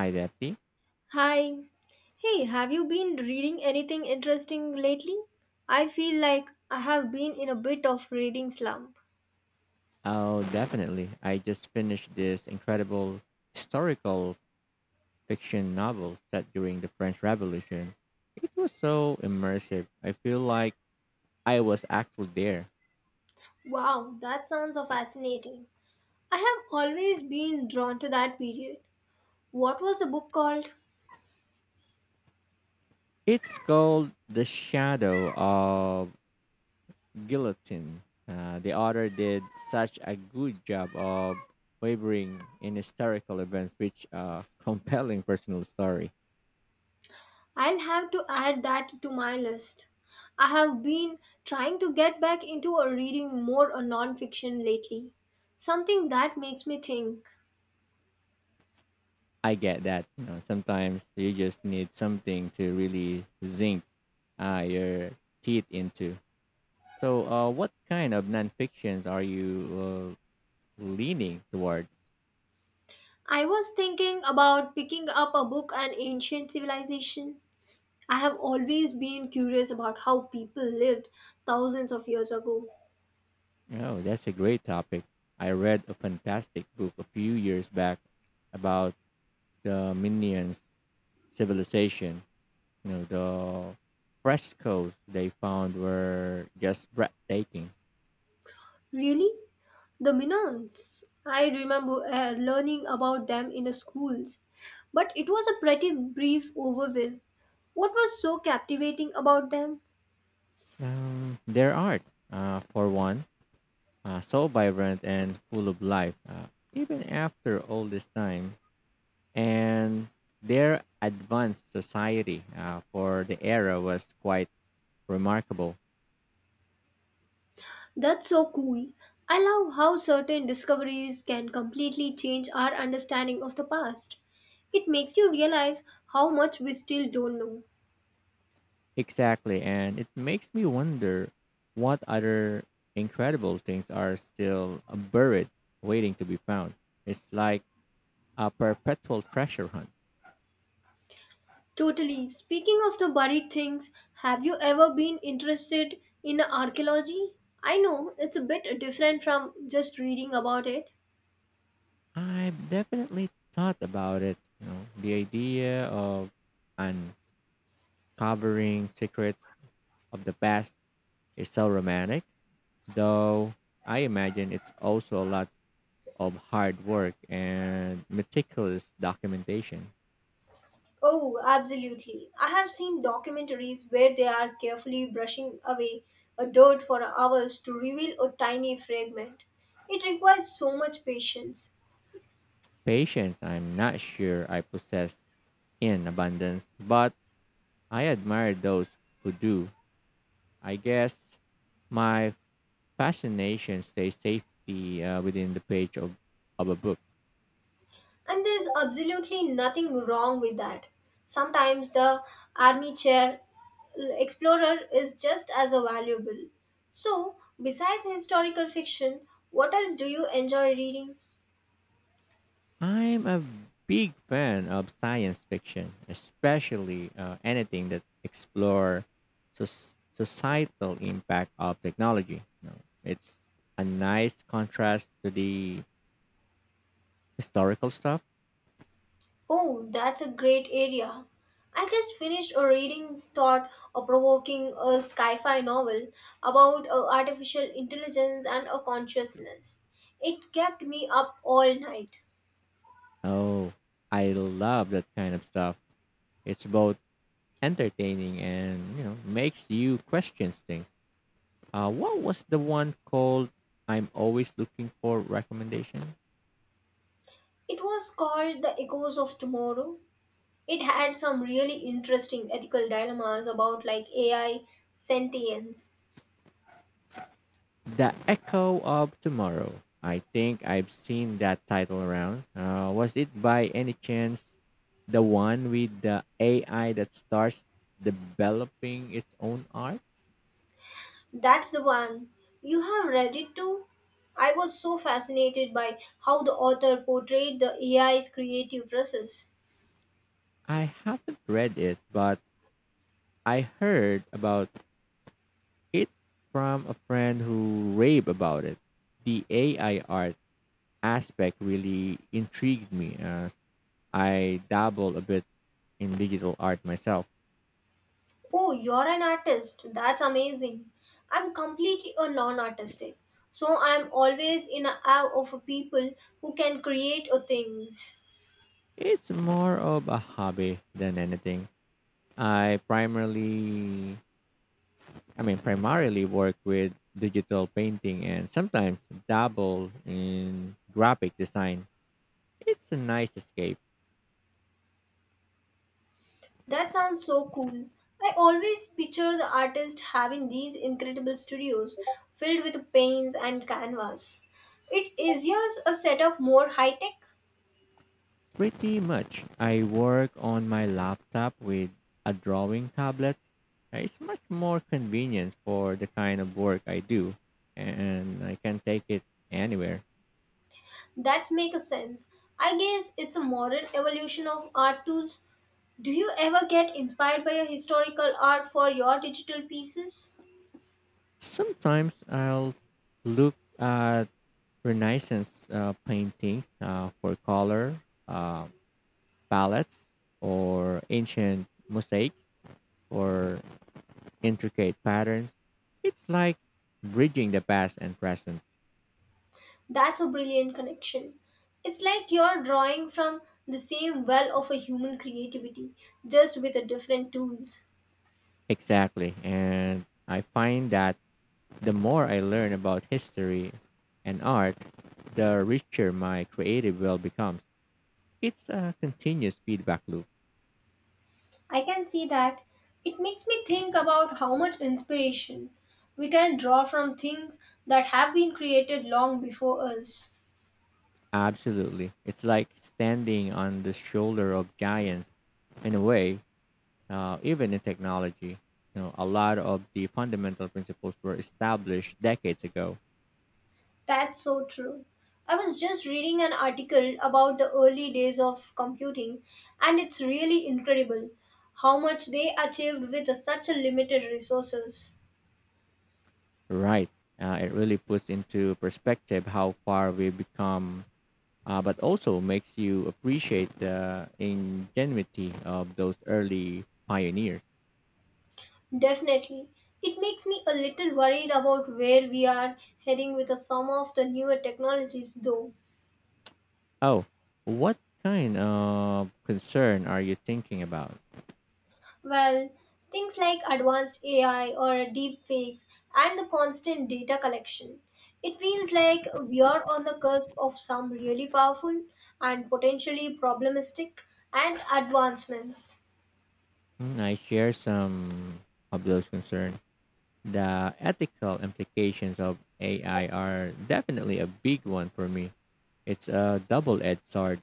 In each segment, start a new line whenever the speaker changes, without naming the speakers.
Hi, Deppy.
Hi. Hey, have you been reading anything interesting lately? I feel like I have been in a bit of reading slump.
Oh, definitely. I just finished this incredible historical fiction novel set during the French Revolution. It was so immersive. I feel like I was actually there.
Wow, that sounds so fascinating. I have always been drawn to that period. What was the book called?
It's called The Shadow of Guillotine. The author did such a good job of wavering in historical events, which are compelling personal story.
I'll have to add that to my list. I have been trying to get back into a reading more a non-fiction lately. Something that makes me think.
I get that. Sometimes you just need something to really zinc your teeth into. So, what kind of nonfiction's are you leaning towards?
I was thinking about picking up a book on ancient civilization. I have always been curious about how people lived thousands of years ago.
Oh, that's a great topic. I read a fantastic book a few years back about the Minions civilization. You know, the frescoes they found were just breathtaking.
Really? The Minans? I remember learning about them in the schools, but it was a pretty brief overview. What was so captivating about them?
Their art, for one, so vibrant and full of life. Even after all this time, and their advanced society for the era was quite remarkable.
That's so cool. I love how certain discoveries can completely change our understanding of the past. It makes you realize how much we still don't know.
Exactly, and it makes me wonder what other incredible things are still buried, waiting to be found. It's like a perpetual treasure hunt.
Totally. Speaking of the buried things, have you ever been interested in archaeology? I know it's a bit different from just reading about it.
I've definitely thought about it. You know, the idea of uncovering secrets of the past. It's so romantic, though I imagine it's also a lot of hard work and meticulous documentation.
Oh, absolutely. I have seen documentaries where they are carefully brushing away a dirt for hours to reveal a tiny fragment. It requires so much patience.
Patience, I'm not sure I possess in abundance, but I admire those who do. I guess my fascination stays safely within the page of a book.
And there is absolutely nothing wrong with that. Sometimes the army chair explorer is just as valuable. So, besides historical fiction, what else do you enjoy reading?
I'm a big fan of science fiction, especially anything that explore societal impact of technology. You know, it's a nice contrast to the historical stuff.
Oh, that's a great area. I just finished a reading thought a provoking a sci-fi novel about artificial intelligence and a consciousness. It kept me up all night.
Oh, I love that kind of stuff. It's both entertaining and you know makes you question things. What was the one called? I'm always looking for recommendation.
It was called The Echoes of Tomorrow. It had some really interesting ethical dilemmas about like AI sentience.
The Echo of Tomorrow. I think I've seen that title around. Was it by any chance the one with the AI that starts developing its own art?
That's the one. You have read it too? I was so fascinated by how the author portrayed the AI's creative process.
I haven't read it, but I heard about it from a friend who raved about it. The AI art aspect really intrigued me as I dabble a bit in digital art myself.
Oh, you're an artist. That's amazing. I'm completely a non artistic. So I'm always in a awe of people who can create a things.
It's more of a hobby than anything. I primarily, I mean, primarily work with digital painting and sometimes dabble in graphic design. It's a nice escape.
That sounds so cool. I always picture the artist having these incredible studios filled with paints and canvas. It is yours a setup more high tech?
Pretty much, I work on my laptop with a drawing tablet. It's much more convenient for the kind of work I do, and I can take it anywhere.
That makes sense. I guess it's a modern evolution of art tools. Do you ever get inspired by a historical art for your digital pieces?
Sometimes I'll look at Renaissance paintings for color. Um, palettes or ancient mosaics or intricate patterns. It's like bridging the past and present.
That's a brilliant connection. It's like you're drawing from the same well of a human creativity, just with a different tools.
Exactly. And I find that the more I learn about history and art, the richer my creative world becomes. It's a continuous feedback loop.
I can see that. It makes me think about how much inspiration we can draw from things that have been created long before us.
Absolutely. It's like standing on the shoulder of giants in a way, even in technology. You know, a lot of the fundamental principles were established decades ago.
That's so true. I was just reading an article about the early days of computing, and it's really incredible how much they achieved with such a limited resources.
Right. It really puts into perspective how far we've become, but also makes you appreciate the ingenuity of those early pioneers.
Definitely. It makes me a little worried about where we are heading with some of the newer technologies, though.
Oh, what kind of concern are you thinking about?
Well, things like advanced AI or deep fakes and the constant data collection. It feels like we are on the cusp of some really powerful and potentially problematic and advancements.
Mm, I share some of those concerns. The ethical implications of AI are definitely a big one for me. It's a double-edged sword,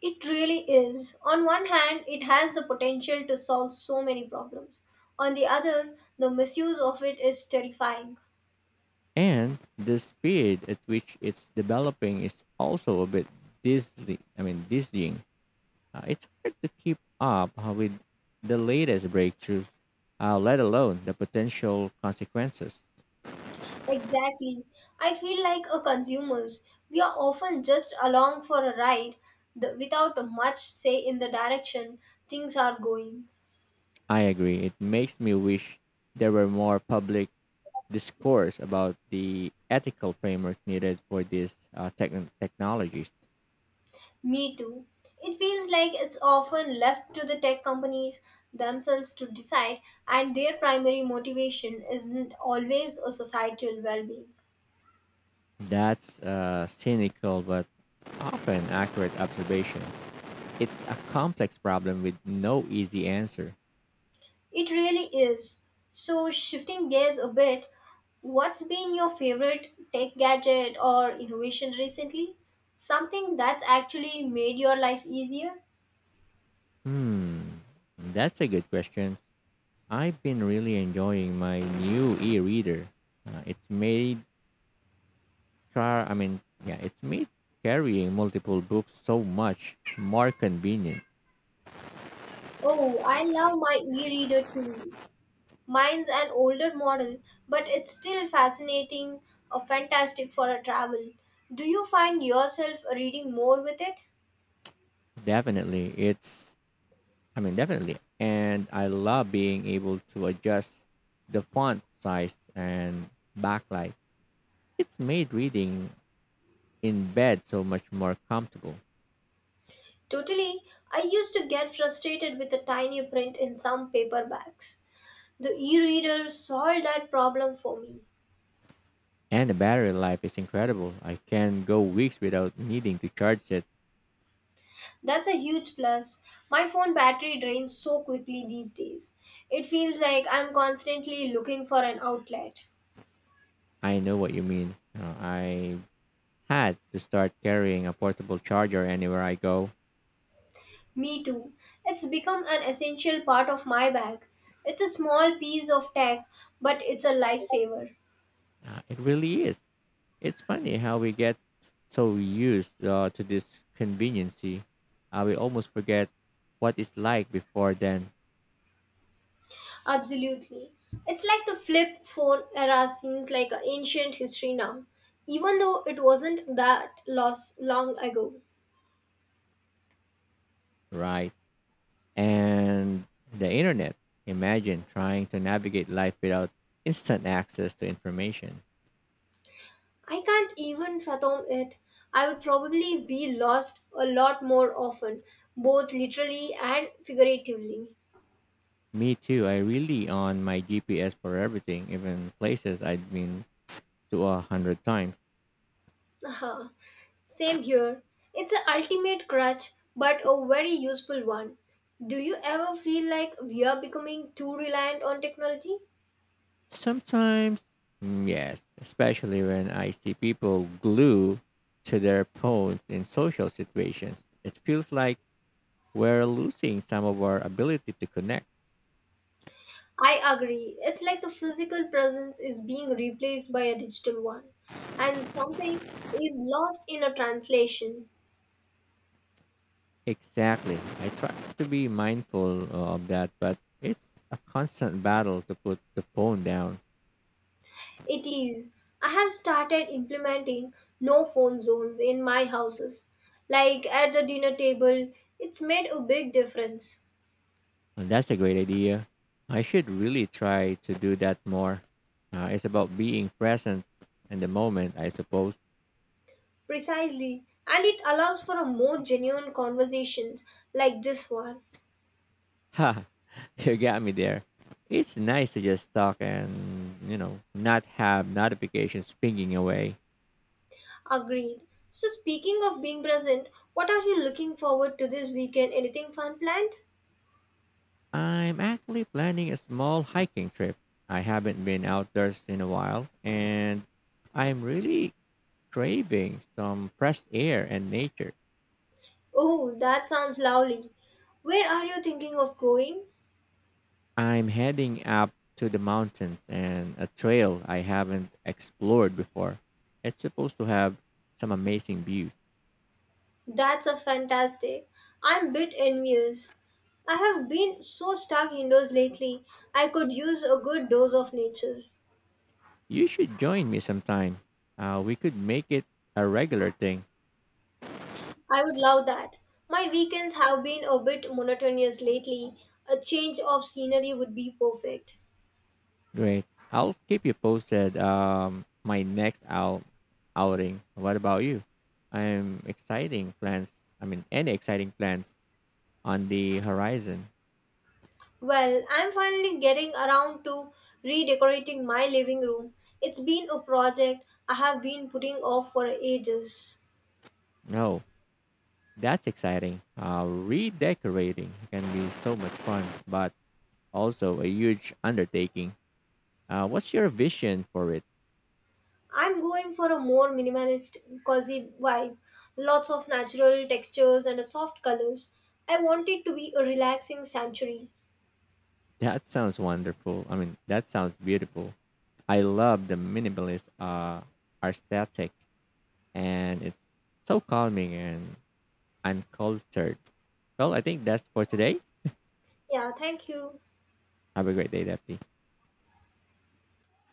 It really is. On one hand, it has the potential to solve so many problems. On the other, the misuse of it is terrifying.
and the speed at which it's developing is also a bit dizzying. It's hard to keep up with the latest breakthroughs, let alone the potential consequences.
Exactly. I feel like a consumers, we are often just along for a ride the, without much say in the direction things are going.
I agree. It makes me wish there were more public discourse about the ethical framework needed for these technologies.
Me too. It feels like it's often left to the tech companies themselves to decide, and their primary motivation isn't always a societal well being.
That's a cynical but often accurate observation. It's a complex problem with no easy answer.
It really is. So, shifting gears a bit, what's been your favorite tech gadget or innovation recently? Something that's actually made your life easier?
Hmm, that's a good question. I've been really enjoying my new e-reader. It's made car. I mean, yeah, it's made carrying multiple books so much more convenient.
Oh, I love my e reader too. Mine's an older model, but it's still fascinating or fantastic for a travel. Do you find yourself reading more with it?
Definitely, it's. Definitely, and I love being able to adjust the font size and backlight. It's made reading in bed so much more comfortable.
Totally. I used to get frustrated with the tiny print in some paperbacks. The e-reader solved that problem for me.
And the battery life is incredible. I can go weeks without needing to charge it.
That's a huge plus. My phone battery drains so quickly these days. It feels like I'm constantly looking for an outlet.
I know what you mean. I had to start carrying a portable charger anywhere I go.
Me too. It's become an essential part of my bag. It's a small piece of tech, but it's a lifesaver.
It really is. It's funny how we get so used to this conveniency. We almost forget what it's like before then,
Absolutely. It's like the flip phone era seems like an ancient history now, even though it wasn't that long ago.
right? And the internet. Imagine trying to navigate life without instant access to information.
I can't even fathom it. I would probably be lost a lot more often, both literally and figuratively.
Me too. I really on my GPS for everything, even places I'd been to a hundred times.
Haha. Same here. It's an ultimate crutch, but a very useful one. Do you ever feel like we are becoming too reliant on technology?
Sometimes, mm, yes, especially when I see people glue to their phones in social situations. It feels like we're losing some of our ability to connect.
I agree. It's like the physical presence is being replaced by a digital one, and something is lost in a translation.
Exactly. I try to be mindful of that, but it's a constant battle to put the phone down.
It is. I have started implementing no phone zones in my houses. Like at the dinner table, it's made a big difference.
Well, that's a great idea. I should really try to do that more. It's about being present in the moment, I suppose.
Precisely. And it allows for a more genuine conversations like this one.
Ha, you got me there. It's nice to just talk and, you know, not have notifications pinging away.
Agreed. So speaking of being present, what are you looking forward to this weekend? Anything fun planned?
I'm actually planning a small hiking trip. I haven't been outdoors in a while, and I'm really craving some fresh air and nature.
Oh, that sounds lovely. Where are you thinking of going?
I'm heading up to the mountains and a trail I haven't explored before. It's supposed to have some amazing views.
That's a fantastic. I'm a bit envious. I have been so stuck indoors lately. I could use a good dose of nature.
You should join me sometime. We could make it a regular thing.
I would love that. My weekends have been a bit monotonous lately. A change of scenery would be perfect.
Great. I'll keep you posted. My next outing. What about you? I'm exciting plans. I mean, any exciting plans on the horizon?
Well, I'm finally getting around to redecorating my living room. It's been a project I have been putting off for ages.
No, that's exciting. Redecorating can be so much fun, but also a huge undertaking. What's your vision for it?
I'm going for a more minimalist, cozy vibe. Lots of natural textures and soft colors. I want it to be a relaxing sanctuary.
That sounds beautiful. I love the minimalist aesthetic, and it's so calming and uncultured. Well, I think that's for today.
Yeah, thank you.
Have a great day, Daphne.